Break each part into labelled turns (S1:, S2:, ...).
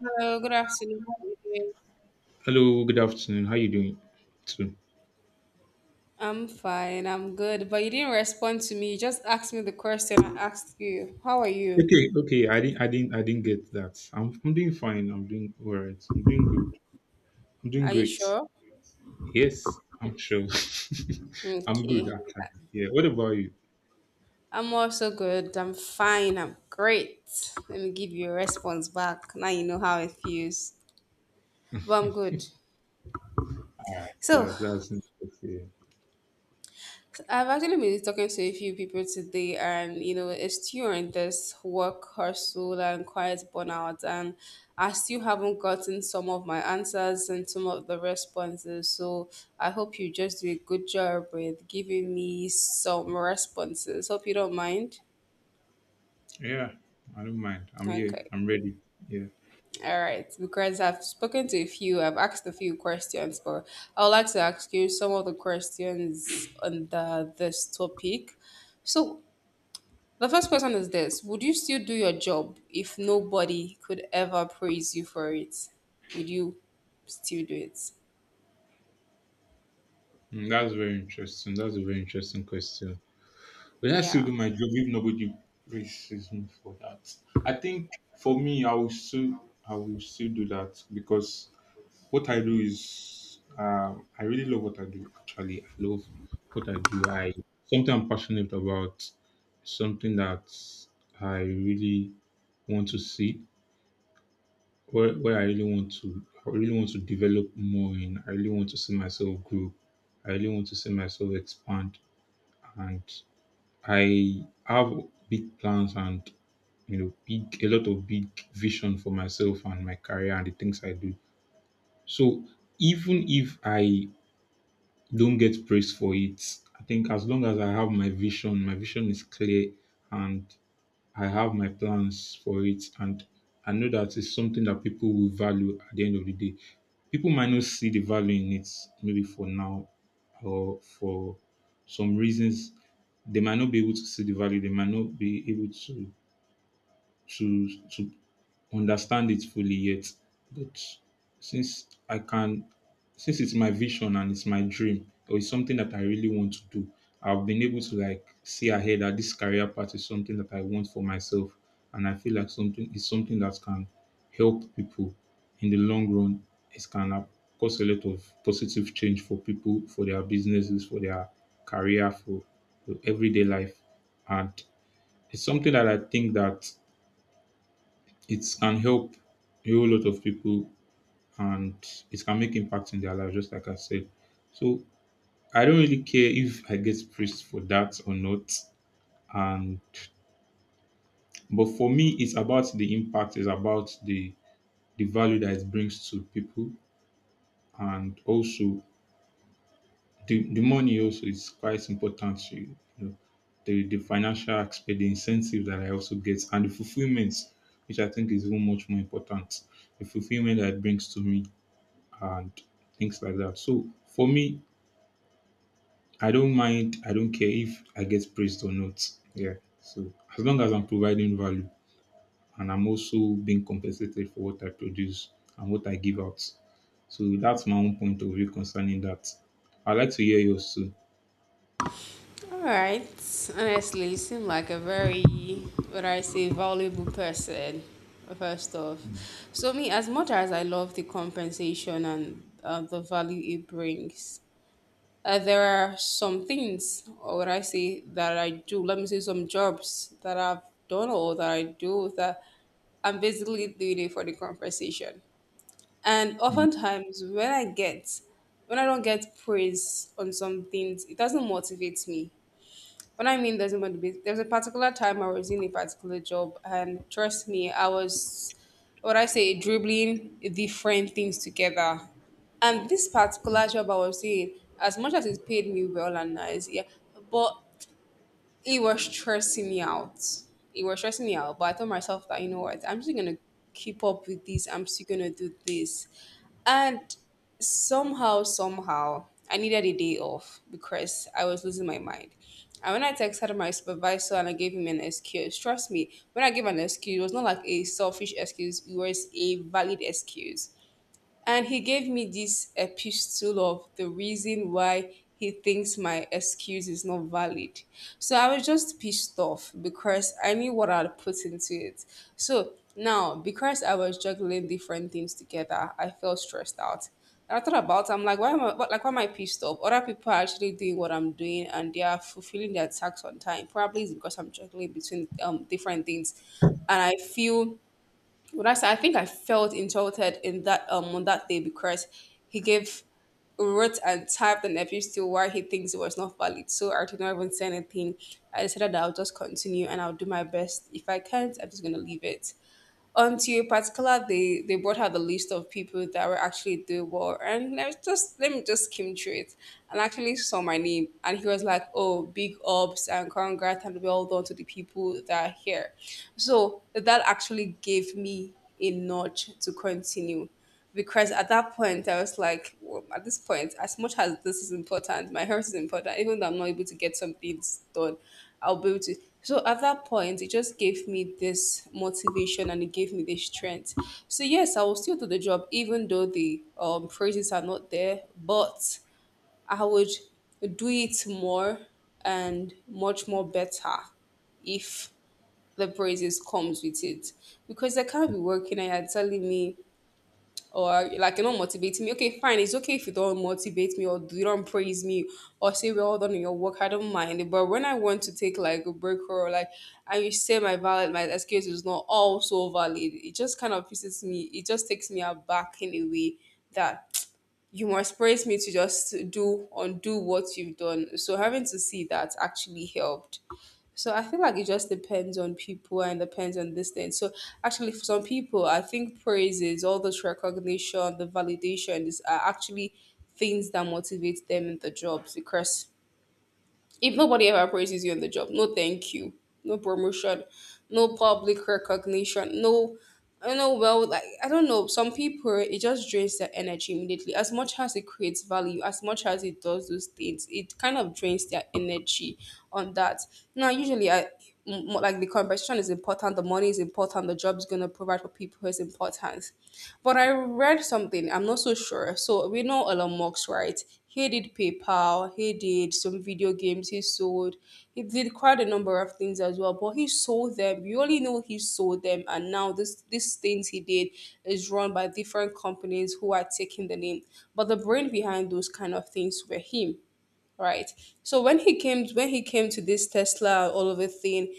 S1: Hello, good afternoon. How are you doing?
S2: Hello, good afternoon. How you doing? Too.
S1: I'm fine, I'm good. But you didn't respond to me. You just asked me the question I asked you. How are you?
S2: Okay, okay. I didn't get that. I'm doing fine. I'm doing all right. I'm doing good. I'm doing
S1: Are you
S2: great.
S1: sure?
S2: Yes, I'm sure. I'm good
S1: Okay.
S2: actually. Yeah. What about you?
S1: I'm also good. I'm fine. I'm great. Let me give you a response back. Now you know how it feels. But I'm good.
S2: All right.
S1: So
S2: That's interesting.
S1: I've actually been talking to a few people today, and it's during this work hustle and quiet burnout, and I still haven't gotten some of my answers and some of the responses. So I hope you just do a good job with giving me some responses. Hope you don't mind.
S2: Yeah. I don't mind. I'm here.
S1: Okay.
S2: I'm ready. Yeah.
S1: All right. Because I've spoken to a few, I've asked a few questions, but I would like to ask you some of the questions on the this topic. So the first question is this: would you still do your job if nobody could ever praise you for it? Would you still do it?
S2: Mm, that's very interesting. That's a very interesting question. But I still
S1: Yeah.
S2: do my job if nobody praises me for that. I think for me, I will still do that because what I do is, I really love what I do. Actually, I love what I do. I something I'm passionate about, something that I really want to see, where I really want to, I really want to develop more in. I really want to see myself grow. I really want to see myself expand, and I have big plans and, you know, big a lot of big vision for myself and my career and the things I do. So even if I don't get praise for it, I think as long as I have my vision is clear and I have my plans for it, and I know that it's something that people will value at the end of the day. People might not see the value in it maybe for now or for some reasons. They might not be able to see the value, they might not be able to to understand it fully yet. But since I can, since it's my vision and it's my dream, or it's something that I really want to do, I've been able to like see ahead that this career path is something that I want for myself, and I feel like something is something that can help people in the long run. It can cause a lot of positive change for people, for their businesses, for their career, for everyday life, and it's something that I think that it can help a whole lot of people and it can make impact in their life, just like I said. So I don't really care if I get praised for that or not. And but for me it's about the impact, it's about the value that it brings to people, and also the money also is quite important to, you know, the financial aspect, the incentive that I also get and the fulfillment, which I think is even much more important. The fulfillment that it brings to me and things like that. So for me, I don't mind. I don't care if I get praised or not. Yeah. So as long as I'm providing value and I'm also being compensated for what I produce and what I give out. So that's my own point of view concerning that. I'd like to hear yours too.
S1: All right. Honestly, you seem like a very, what I say, valuable person, first off. So, me, as much as I love the compensation and the value it brings, there are some things, or what I say, that I do. Let me say some jobs that I've done or that I do that I'm basically doing it for the conversation. And
S2: Mm.
S1: oftentimes, when I don't get praise on some things, it doesn't motivate me. What I mean doesn't want to There was a particular time I was in a particular job, and trust me, I was, what I say, dribbling different things together. And this particular job I was in, as much as it paid me well and nice, yeah, but it was stressing me out. It was stressing me out. But I told myself that you know what, I'm still gonna keep up with this. I'm still gonna do this. And somehow, I needed a day off because I was losing my mind. And when I texted my supervisor and I gave him an excuse, trust me, when I gave an excuse, it was not like a selfish excuse, it was a valid excuse. And he gave me this epistle of the reason why he thinks my excuse is not valid. So I was just pissed off because I knew what I'd put into it. So now, because I was juggling different things together, I felt stressed out. And I thought about, I'm like, why am I what- like, why am I pissed off? Other people are actually doing what I'm doing, and they are fulfilling their tasks on time. Probably it's because I'm juggling between different things, and I feel would I say I think I felt insulted in that on that day because he gave wrote and typed an abuse to why he thinks it was not valid. So I did not even say anything. I decided that I'll just continue and I'll do my best. If I can't, I'm just gonna leave it until a particular they brought out the list of people that were actually doing well and I was just let me just skim through it and actually saw my name and he was like, "Oh, big ups and congrats and well done to the people that are here." So that actually gave me a nudge to continue because at that point I was like, "Well, at this point, as much as this is important, my health is important. Even though I'm not able to get some things done, I'll be able to." So at that point, it just gave me this motivation and it gave me this strength. So yes, I will still do the job, even though the praises are not there. But I would do it more and much more better if the praises comes with it, because I can't be working and you're telling me or like you're not motivating me. Okay, fine. It's okay if you don't motivate me or you don't praise me or say well done in your work. I don't mind. But when I want to take like a break or like, and you say my valid, my excuse is not also valid. It just kind of pisses me. It just takes me aback in a way that you must praise me to just do undo what you've done. So having to see that actually helped. So I feel like it just depends on people and depends on this thing. So actually, for some people, I think praises, all this recognition, the validation is are actually things that motivate them in the jobs because if nobody ever praises you on the job, no thank you, no promotion, no public recognition, no, I don't know, well, like, I don't know. Some people, it just drains their energy immediately. As much as it creates value, as much as it does those things, it kind of drains their energy on that. Now, usually, I, m- more like the conversation is important, the money is important, the job is going to provide for people is important. But I read something, I'm not sure. So we know Elon Musk, right? He did PayPal, he did some video games, he did quite a number of things as well. But he sold them. We only know he sold them, and now this these things he did is run by different companies who are taking the name. But the brain behind those kind of things were him, right? So when he came to this Tesla all of a thing,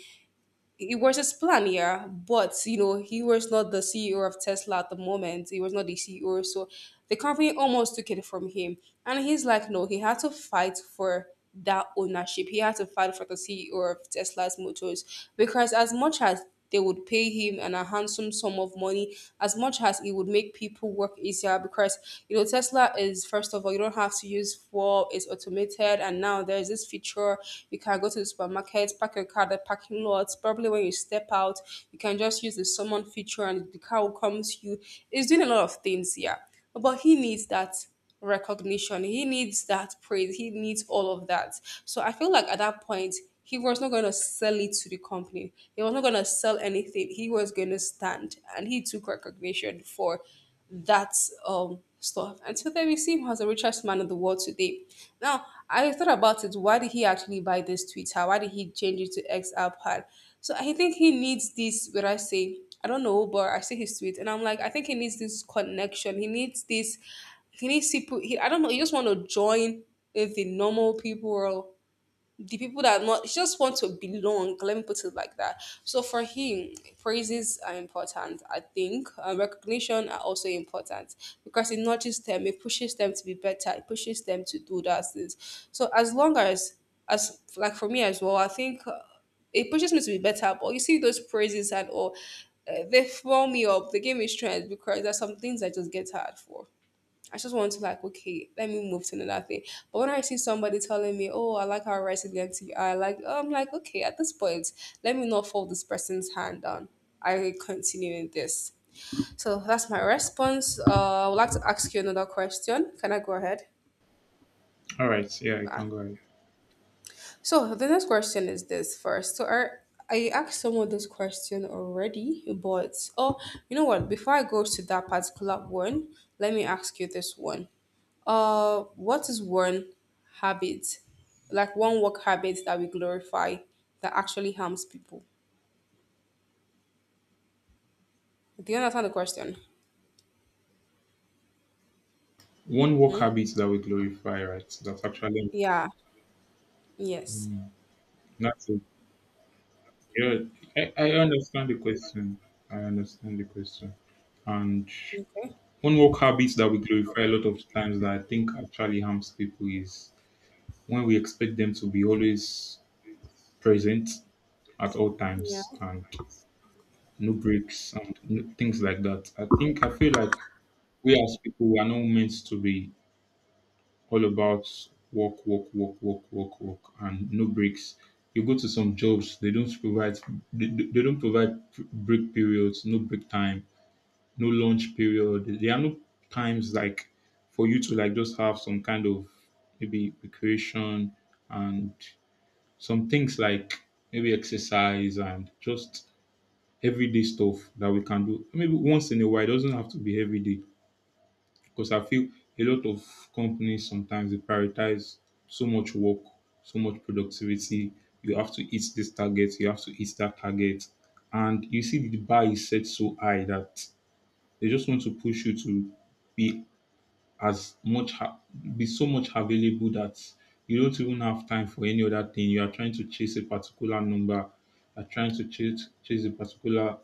S1: he was his plan, yeah. But you know, he was not the CEO of Tesla at the moment. He was not the CEO, so the company almost took it from him. And he's like, no, he had to fight for that ownership. He had to fight for the CEO of Tesla's motors, because as much as they would pay him a handsome sum of money, as much as it would make people work easier, because you know Tesla is, first of all, you don't have to use fuel, it's automated, and now there's this feature. You can go to the supermarket, park your car at the parking lot, probably when you step out you can just use the summon feature and the car will come to you. It's doing a lot of things here. But he needs that recognition, he needs that praise, he needs all of that. So I feel like at that point he was not going to sell it to the company. He was not going to sell anything. He was going to stand, and he took recognition for that stuff. And so then we see him as the richest man in the world today. Now I thought about it. Why did he actually buy this Twitter? Why did he change it to X iPad? So I think he needs this. What I say, I don't know, but I see his tweet, and I'm like, I think he needs this connection. He needs this. He needs people. He, I don't know. He just want to join with the normal people world, the people that are not, he just want to belong, let me put it like that. So for him, praises are important, I think, and recognition are also important, because it nudges them, it pushes them to be better, it pushes them to do those things. So as long as like for me as well, I think it pushes me to be better. But you see those praises and all, they fill me up, they give me strength, because there's some things I just get tired for. I just want to like, okay, let me move to another thing. But when I see somebody telling me, oh, I like how writing gets you, I like, oh, I'm like, okay, at this point, let me not fold this person's hand down. I continue in this. So that's my response. I would like to ask you another question. Can I go ahead?
S2: All right. Yeah, I
S1: Ah.
S2: can go ahead.
S1: So the next question is this first. I asked someone this question already, but oh, you know what? Before I go to that particular one, let me ask you this one. What is one habit, like one work habit that we glorify that actually harms people? Do you understand the question?
S2: One work
S1: Hmm?
S2: habit that we glorify, right? That's actually
S1: Yeah. Yes.
S2: that's it. Yeah, I understand the question. I understand the question. And
S1: Okay.
S2: one work habit that we glorify a lot of times that I think actually harms people is when we expect them to be always present at all
S1: Yeah.
S2: times and no breaks and no, things like that. I think I feel like we as people, we are not meant to be all about work, work, work, work, work, work, and no breaks. You go to some jobs, they don't provide they don't provide break periods, no break time, no lunch period. There are no times like for you to like just have some kind of maybe recreation and some things like maybe exercise and just everyday stuff that we can do. Maybe once in a while, it doesn't have to be every day, because I feel a lot of companies sometimes they prioritize so much work, so much productivity. You have to hit this target, you have to hit that target. And you see the bar is set so high that they just want to push you to be as much be so much available that you don't even have time for any other thing. You are trying to chase a particular number. You are trying to chase a particular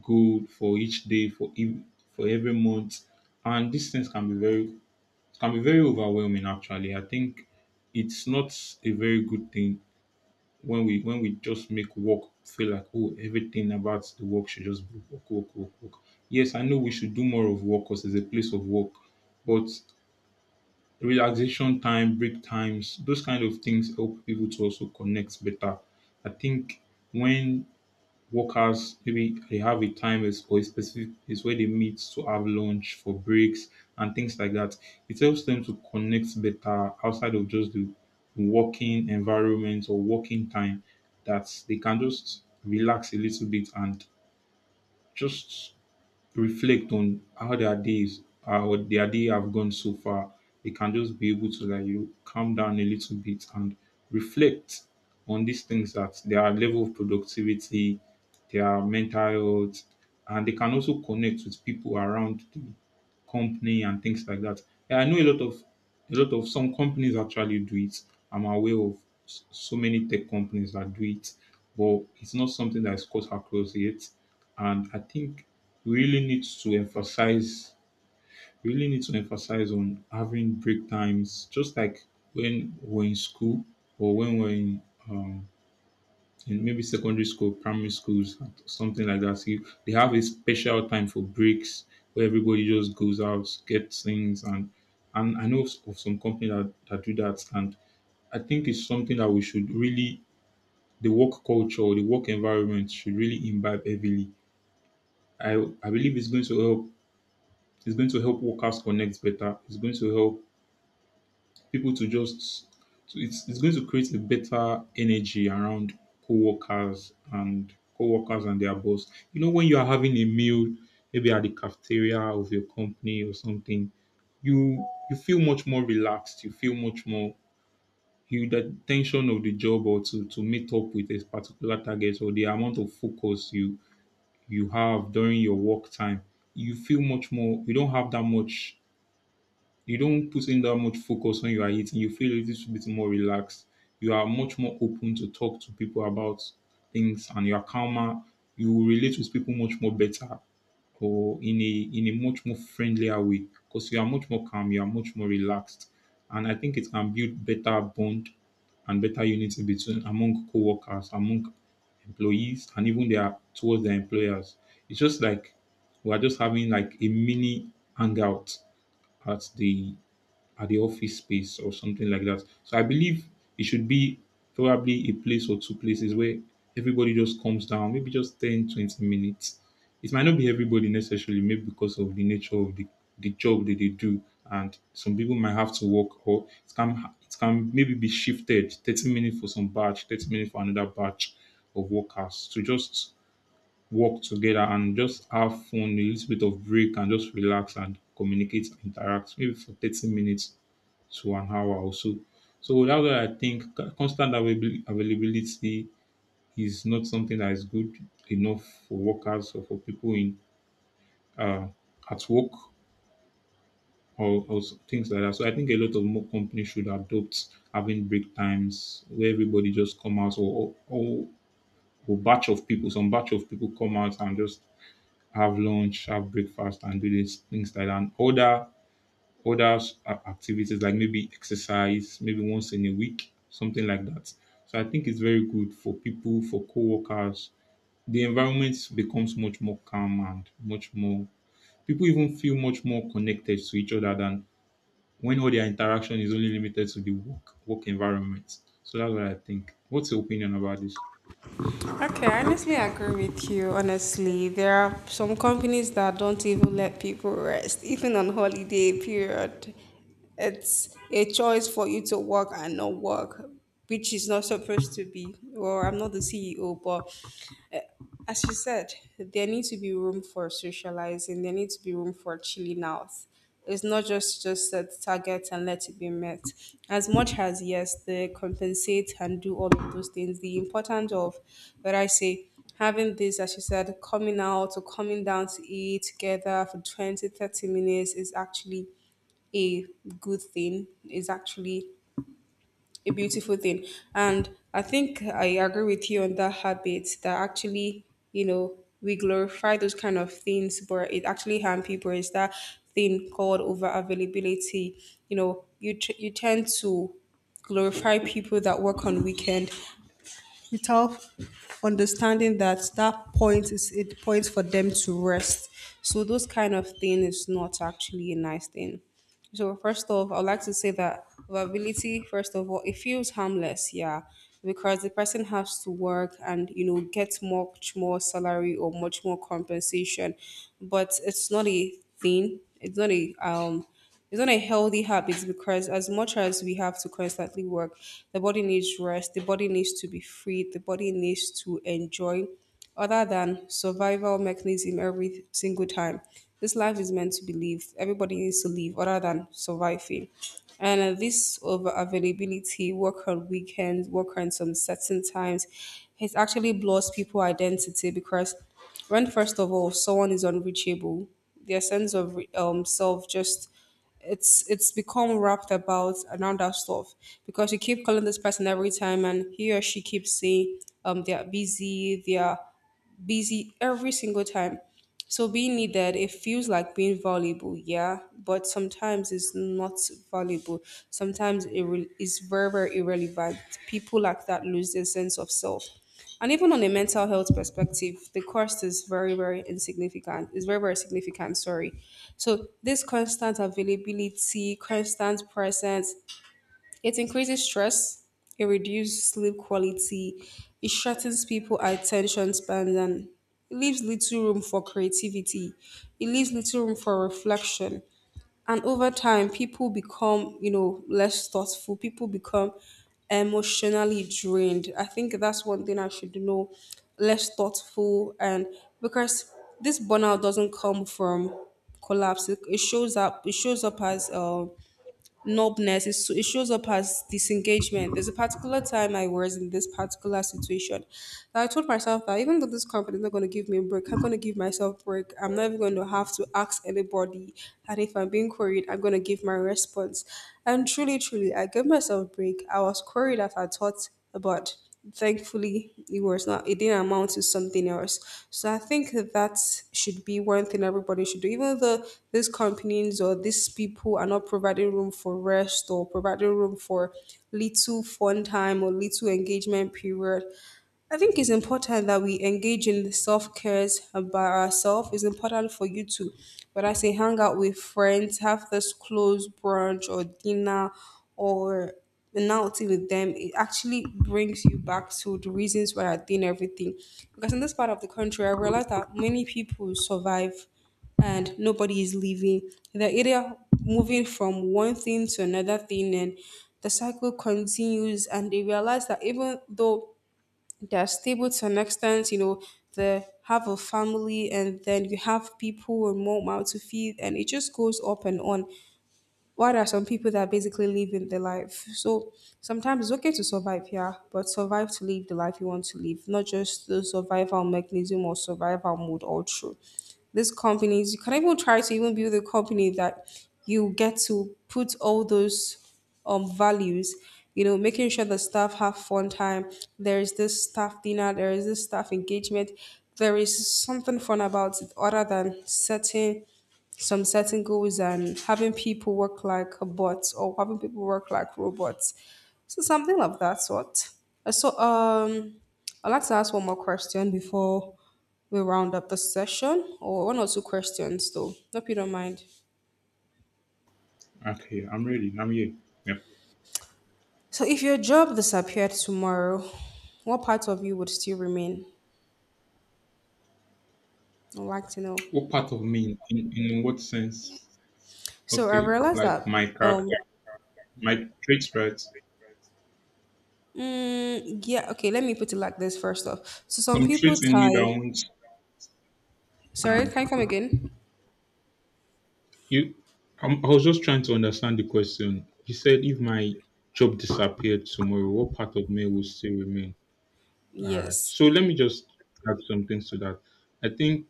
S2: goal for each day, for every month, and these things can be very overwhelming. Actually, I think it's not a very good thing when we just make work feel like, oh, everything about the work should just be work, work, work, work. Yes, I know we should do more of work because it's a place of work, but relaxation time, break times, those kind of things help people to also connect better. I think when workers maybe they have a or a specific is where they meet to have lunch for breaks and things like that. It helps them to connect better outside of just the working environment or working time, that they can just relax a little bit and just reflect on how their days are or their day have gone so far, they can just be able to, like, you know, calm down a little bit and reflect on these things, that their level of productivity, their mental health, and they can also connect with people around the company and things like that. Yeah, I know a lot of some companies actually do it. I'm aware of so many tech companies that do it, but it's not something that is cut across yet. And I think we really need to emphasize we really need to emphasize on having break times, just like when we're in school or when we're um in maybe secondary school, primary schools, something like that. See, they have a special time for breaks where everybody just goes out, gets things, and I know of some company that do that, and I think it's something that we should really the work culture, the work environment should really imbibe heavily. I i believe it's going to help. It's going to help workers connect better. It's going to help people to just it's going to create a better energy around co-workers and their boss. You know, when you are having a meal, maybe at the cafeteria of your company or something, you feel much more relaxed. You feel much more you the tension of the job or to meet up with a particular target, or the amount of focus you have during your work time. You feel much more. You don't have that much, you don't put in that much focus when you are eating. You feel a little bit more relaxed. You are much more open to talk to people about things, and you are calmer. You will relate with people much more better, or in a much more friendlier way, because you are much more calm. You are much more relaxed, and I think it can build better bond and better unity between among co-workers, among employees, and even their towards their employers. It's just like we are just having like a mini hangout at the at the office space or something like that. So I believe it should be probably a place or two places where everybody just comes down, maybe just 10 to 20 minutes. It might not be everybody necessarily, maybe because of the nature of the job that they do. And some people might have to work, or it can maybe be shifted 30 minutes for some batch, 30 minutes for another batch of workers to just work together and just have fun, a little bit of break, and just relax and communicate, and interact, maybe for 30 minutes to an hour or so. So that's why I think constant availability is not something that is good enough for workers or for people in uh, at work, things like that. So I think a lot of more companies should adopt having break times where everybody just come out, or batch of people, some batch of people come out and just have lunch, have breakfast, and do these things like that. And other activities like maybe exercise, maybe once in a week, something like that. So I think it's very good for people, for co-workers. The environment becomes much more calm and much more, people even feel much more connected to each other than when all their interaction is only limited to the work environment. So that's what I think. What's your opinion about this?
S1: Okay, I honestly agree with you. Honestly, there are some companies that don't even let people rest, even on holiday period. It's a choice for you to work and not work, which is not supposed to be. Well, I'm not the CEO, but eh, as you said, there needs to be room for socializing. There needs to be room for chilling out. It's not just set targets and let it be met. As much as yes, they compensate and do all of those things. The importance of, what I say, having this, as you said, coming out or coming down to eat together for 20-30 minutes is actually a good thing. Is actually a beautiful thing. And I think I agree with you on that habit that actually, we glorify those kind of things, but it actually harm people. Is that thing called over availability? You tend to glorify people that work on weekend without understanding that that point is a point for them to rest. So those kind of thing is not actually a nice thing. So first off, I'd like to say that vulnerability, first of all, it feels harmless, yeah, because the person has to work and get much more salary or much more compensation, but it's not a thing. It's not a healthy habit because as much as we have to constantly work, the body needs rest, the body needs to be free, the body needs to enjoy other than survival mechanism every single time. This life is meant to be lived. Everybody needs to live other than surviving. And this over availability, work on weekends, work on some certain times, it actually blurs people identity because when first of all someone is unreachable, their sense of self just it's become wrapped about around that stuff because you keep calling this person every time and he or she keeps saying they are busy, they are busy every single time. So being needed, it feels like being valuable, yeah, but sometimes it's not valuable. Sometimes it is very, very irrelevant. People like that lose their sense of self. And even on a mental health perspective, the cost is very, very insignificant. It's very, very significant, sorry. So this constant availability, constant presence, it increases stress, it reduces sleep quality, it shortens people's attention spans, and it leaves little room for creativity. It leaves little room for reflection. And over time, people become, less thoughtful. People become emotionally drained. I think that's one thing I should know. Less thoughtful, and because this burnout doesn't come from collapse, it shows up. It shows up as numbness. It shows up as disengagement. There's a particular time I was in this particular situation that I told myself that even though this company is not going to give me a break, I'm going to give myself a break. I'm not even going to have to ask anybody. And if I'm being queried, I'm going to give my response. And truly, truly, I gave myself a break. I was queried as I thought about, thankfully it was not, it didn't amount to something else. So I think that should be one thing everybody should do even though these companies or these people are not providing room for rest or providing room for little fun time or little engagement period. I think it's important that we engage in self cares by ourselves. It's important for you to, whether I say hang out with friends, have this close brunch or dinner or an outing with them. It actually brings you back to the reasons why I did everything. Because in this part of the country, I realized that many people survive and nobody is leaving. They're either moving from one thing to another thing and the cycle continues and they realize that even though they're stable to an extent, they have a family and then you have people with more mouth to feed and it just goes up and on. While there are some people that are basically living the life. So sometimes it's okay to survive, yeah, but survive to live the life you want to live, not just the survival mechanism or survival mode all through these companies. You can even try to even build a company that you get to put all those values, making sure the staff have fun time, there is this staff dinner, there is this staff engagement, there is something fun about it other than setting some certain goals and having people work like bots or having people work like robots, so something of that sort. So I'd like to ask one more question before. We'll round up the session or one or two questions, though. Hope you don't mind.
S2: Okay, I'm ready. I'm here. Yep.
S1: So, if your job disappeared tomorrow, what part of you would still remain? I'd like to know.
S2: What part of me in, in what sense?
S1: So, I
S2: Okay,
S1: realized
S2: like
S1: that,
S2: my character,
S1: um,
S2: my traits, right?
S1: yeah, okay, let me put it like this first off. So, some
S2: Some
S1: people
S2: traits in me that
S1: tie.
S2: won't.
S1: Sorry,
S2: Uh,
S1: can you come again?
S2: you, I was just trying to understand the question. You said if my job disappeared tomorrow, what part of me will still remain? All right.
S1: Yes.
S2: So let me just add some things to that. I think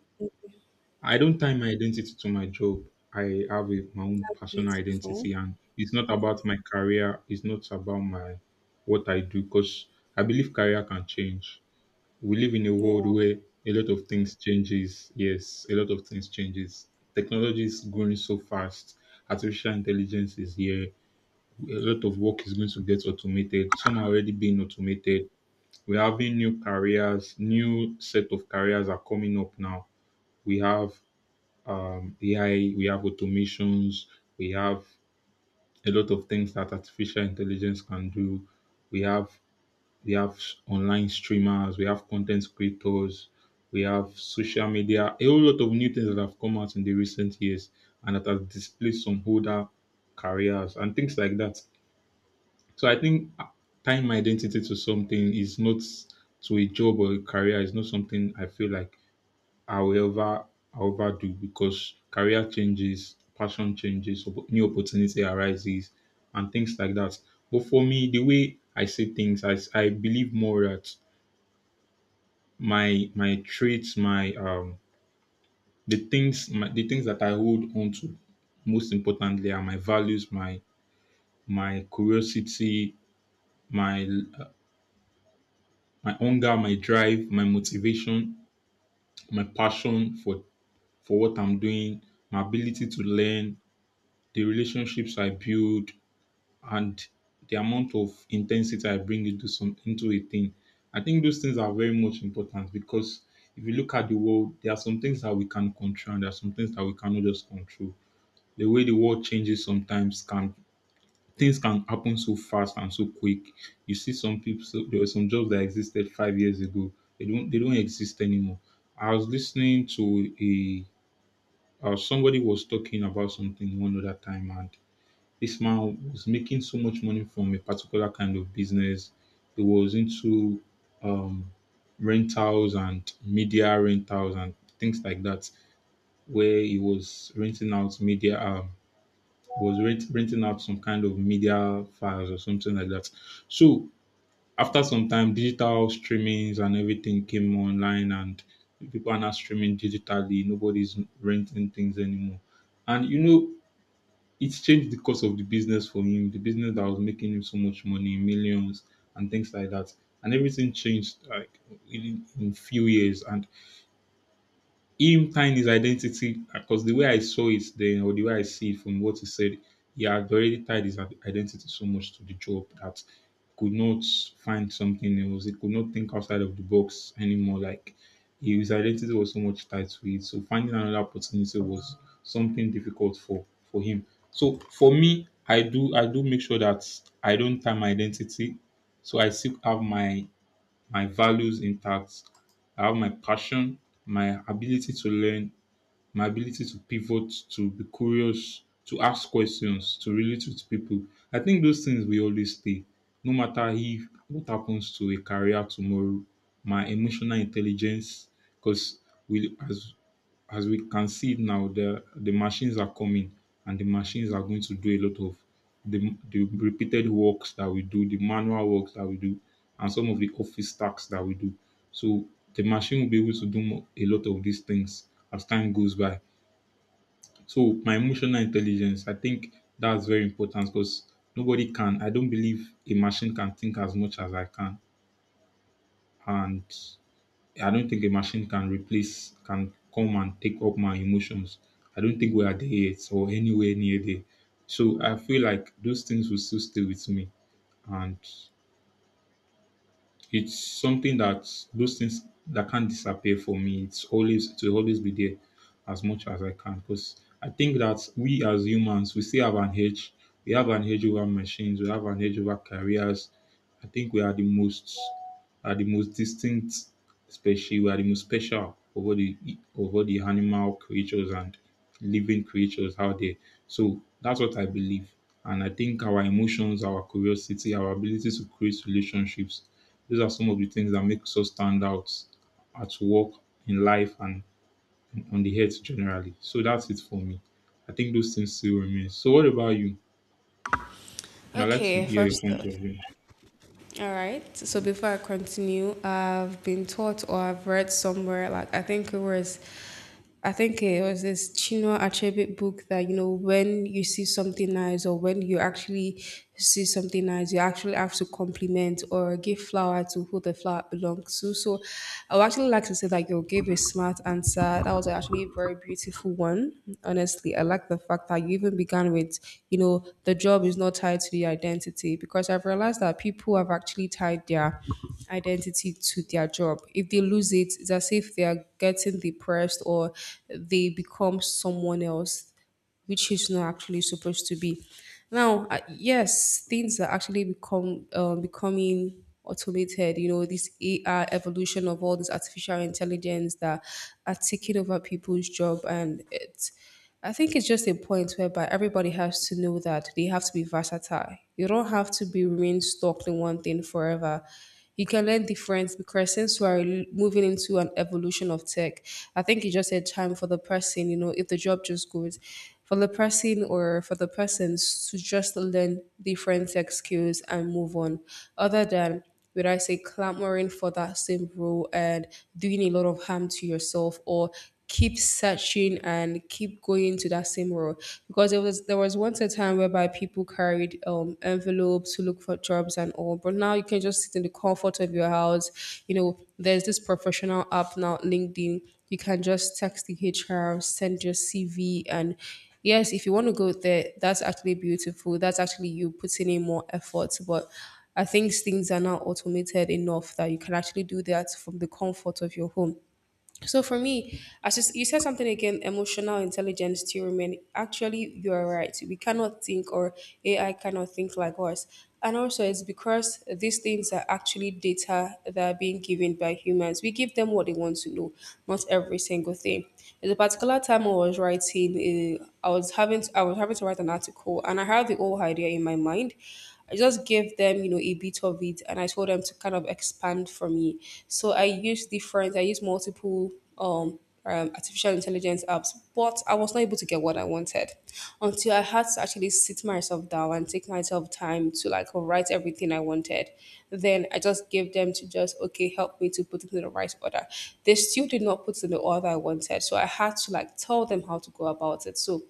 S2: I don't tie my identity to my job. I have a, my own
S1: That's
S2: personal
S1: beautiful.
S2: identity, and it's not about my career. It's not about my what I do, because I believe career can change, we live in a
S1: Yeah.
S2: world where a lot of things changes. Yes, a lot of things changes. Technology is growing so fast. Artificial intelligence is here. A lot of work is going to get automated. Some are already being automated. We're having new careers, new set of careers are coming up now. We have AI, we have automations, we have a lot of things that artificial intelligence can do. We have we have online streamers, we have content creators, we have social media, a whole lot of new things that have come out in the recent years, and that has displaced some older careers and things like that. So I think tying my identity to something is not, to a job or a career, is not something I feel like I will ever I will ever do, because career changes, passion changes, new opportunity arises, and things like that. But for me, the way I see things, I believe more that my traits, my the things my, the things that I hold on to most importantly are my values, my curiosity, my uh, my hunger, my drive, my motivation, my passion for what I'm doing, my ability to learn, the relationships I build, and the amount of intensity I bring into a thing. I think those things are very much important, because if you look at the world, there are some things that we can control and there are some things that we cannot just control. The way the world changes sometimes can, things can happen so fast and so quick. You see some people, so there were some jobs that existed 5 years ago. They don't exist anymore. I was listening to a somebody was talking about something one other time, and this man was making so much money from a particular kind of business. He was into um, rentals and media rentals and things like that, where he was renting out media, renting out some kind of media files or something like that. So after some time, digital streamings and everything came online, and people are now streaming digitally. Nobody's renting things anymore. And you know, it changed the course of the business for him, the business that was making him so much money, millions and things like that. And everything changed like in few years. And him tying his identity, because the way I saw it then, or the way I see it from what he said, he had already tied his identity so much to the job that he could not find something else. He could not think outside of the box anymore. Like his identity was so much tied to it. So finding another opportunity was something difficult for him. So for me, I do make sure that I don't tie my identity. So I still have my my values intact. I have my passion, my ability to learn, my ability to pivot, to be curious, to ask questions, to relate with people. I think those things will always stay, no matter if, what happens to a career tomorrow. My emotional intelligence, because we as we can see it now, the machines are coming, and the machines are going to do a lot of the repeated works that we do, the manual works that we do, and some of the office tasks that we do. So the machine will be able to do a lot of these things as time goes by. So my emotional intelligence, I think that's very important, because nobody can. I don't believe a machine can think as much as I can, and I don't think a machine can replace, can come and take up my emotions. I don't think we are there yet or anywhere near there. So I feel like those things will still stay with me, and it's something that, those things that can't disappear for me. It will always be there as much as I can, because I think that we as humans we still have an edge. We have an edge over machines. We have an edge over careers. I think we are the most, are the most distinct species, we are the most special over the, over the animal creatures and living creatures out there. So that's what I believe. And I think our emotions, our curiosity, our ability to create relationships, those are some of the things that make us stand out at work, in life, and on the earth generally. So that's it for me. I think those things still remain. So what about you? I'd like to
S1: Okay,
S2: hear your
S1: first
S2: point
S1: off.
S2: of view.
S1: All right. So before I continue, I've been taught or I've read somewhere, like I think it was this Chinua Achebe book that when you see something nice or when you actually see something nice, you actually have to compliment or give flower to who the flower belongs to. So I would actually like to say that like you gave a smart answer. That was actually a very beautiful one. Honestly, I like the fact that you even began with, the job is not tied to the identity because I've realized that people have actually tied their identity to their job. If they lose it, it's as if they are getting depressed or they become someone else which is not actually supposed to be. Now, yes, things are actually become becoming automated. You know, this AI evolution of all this artificial intelligence that are taking over people's job, and it. I think it's just a point whereby everybody has to know that they have to be versatile. You don't have to be remain stuck in one thing forever. You can learn different because since we are moving into an evolution of tech, I think it's just a time for the person, if the job just goes, for the person or for the persons to just learn different tech skills and move on, other than, would I say, clamoring for that same role and doing a lot of harm to yourself or keep searching and keep going to that same role. Because it was, there was once a time whereby people carried envelopes to look for jobs and all, but now you can just sit in the comfort of your house. There's this professional app now, LinkedIn. You can just text the HR, send your CV, and yes, if you want to go there, that's actually beautiful, that's actually you putting in more effort, but I think things are now automated enough that you can actually do that from the comfort of your home. So for me, as you said something again, emotional intelligence to remain. Actually, you are right. We cannot think, or AI cannot think like us. And also, it's because these things are actually data that are being given by humans. We give them what they want to know, not every single thing. There's a particular time I was writing, I was having to write an article, and I had the whole idea in my mind. I just gave them, a bit of it, and I told them to kind of expand for me. So I used multiple um, artificial intelligence apps, but I was not able to get what I wanted until I had to actually sit myself down and take myself time to like write everything I wanted. Then I just gave them to just okay, help me to put it in the right order. They still did not put it in the order I wanted, so I had to like tell them how to go about it. So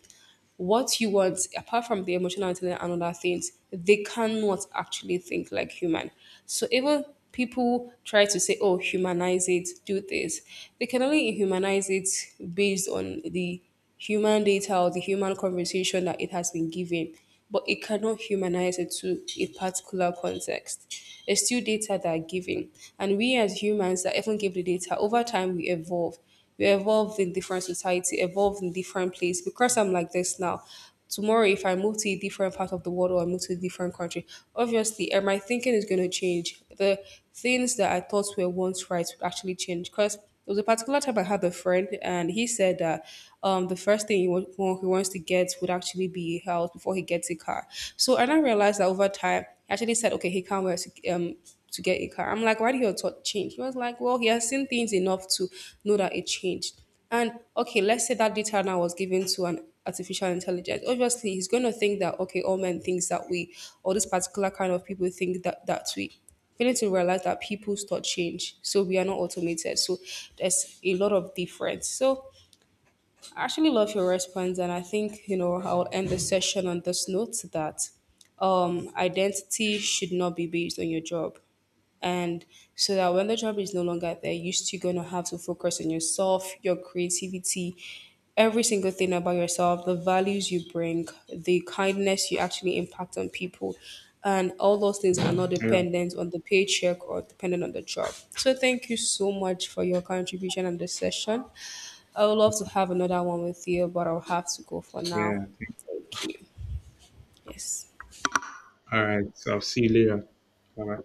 S1: what you want apart from the emotional intelligence and other things, they cannot actually think like human. So even people try to say oh humanize it, do this, they can only humanize it based on the human data or the human conversation that it has been given, but it cannot humanize it to a particular context. It's still data that are given, and we as humans that even give the data, over time we evolve. We evolved in different society, evolved in different place. Because I'm like this now, tomorrow if I move to a different part of the world or I move to a different country, obviously my thinking is going to change. The things that I thought were once right would actually change. Because there was a particular time I had a friend and he said that the first thing he wants to get would actually be a house before he gets a car. So I now realized that over time, he actually said, okay, he can't wait to get a car. I'm like, why did your thought change? He was like, well, he has seen things enough to know that it changed. And okay, let's say that data now was given to an artificial intelligence. Obviously, he's going to think that okay, all men thinks that way, or this particular kind of people think that that way. Failing to realize that people's thought change, so we are not automated. So there's a lot of difference. So I actually love your response, and I think I'll end the session on this note that identity should not be based on your job, and so that when the job is no longer there, you're still gonna have to focus on yourself, your creativity, every single thing about yourself, the values you bring, the kindness you actually impact on people, and all those things are not
S2: Yeah,
S1: dependent on the paycheck or dependent on the job. So thank you so much for your contribution and the session. I would love to have another one with you, but I'll have to go for
S2: yeah.
S1: now. Thank you. Yes.
S2: All right. So I'll see you later. Bye.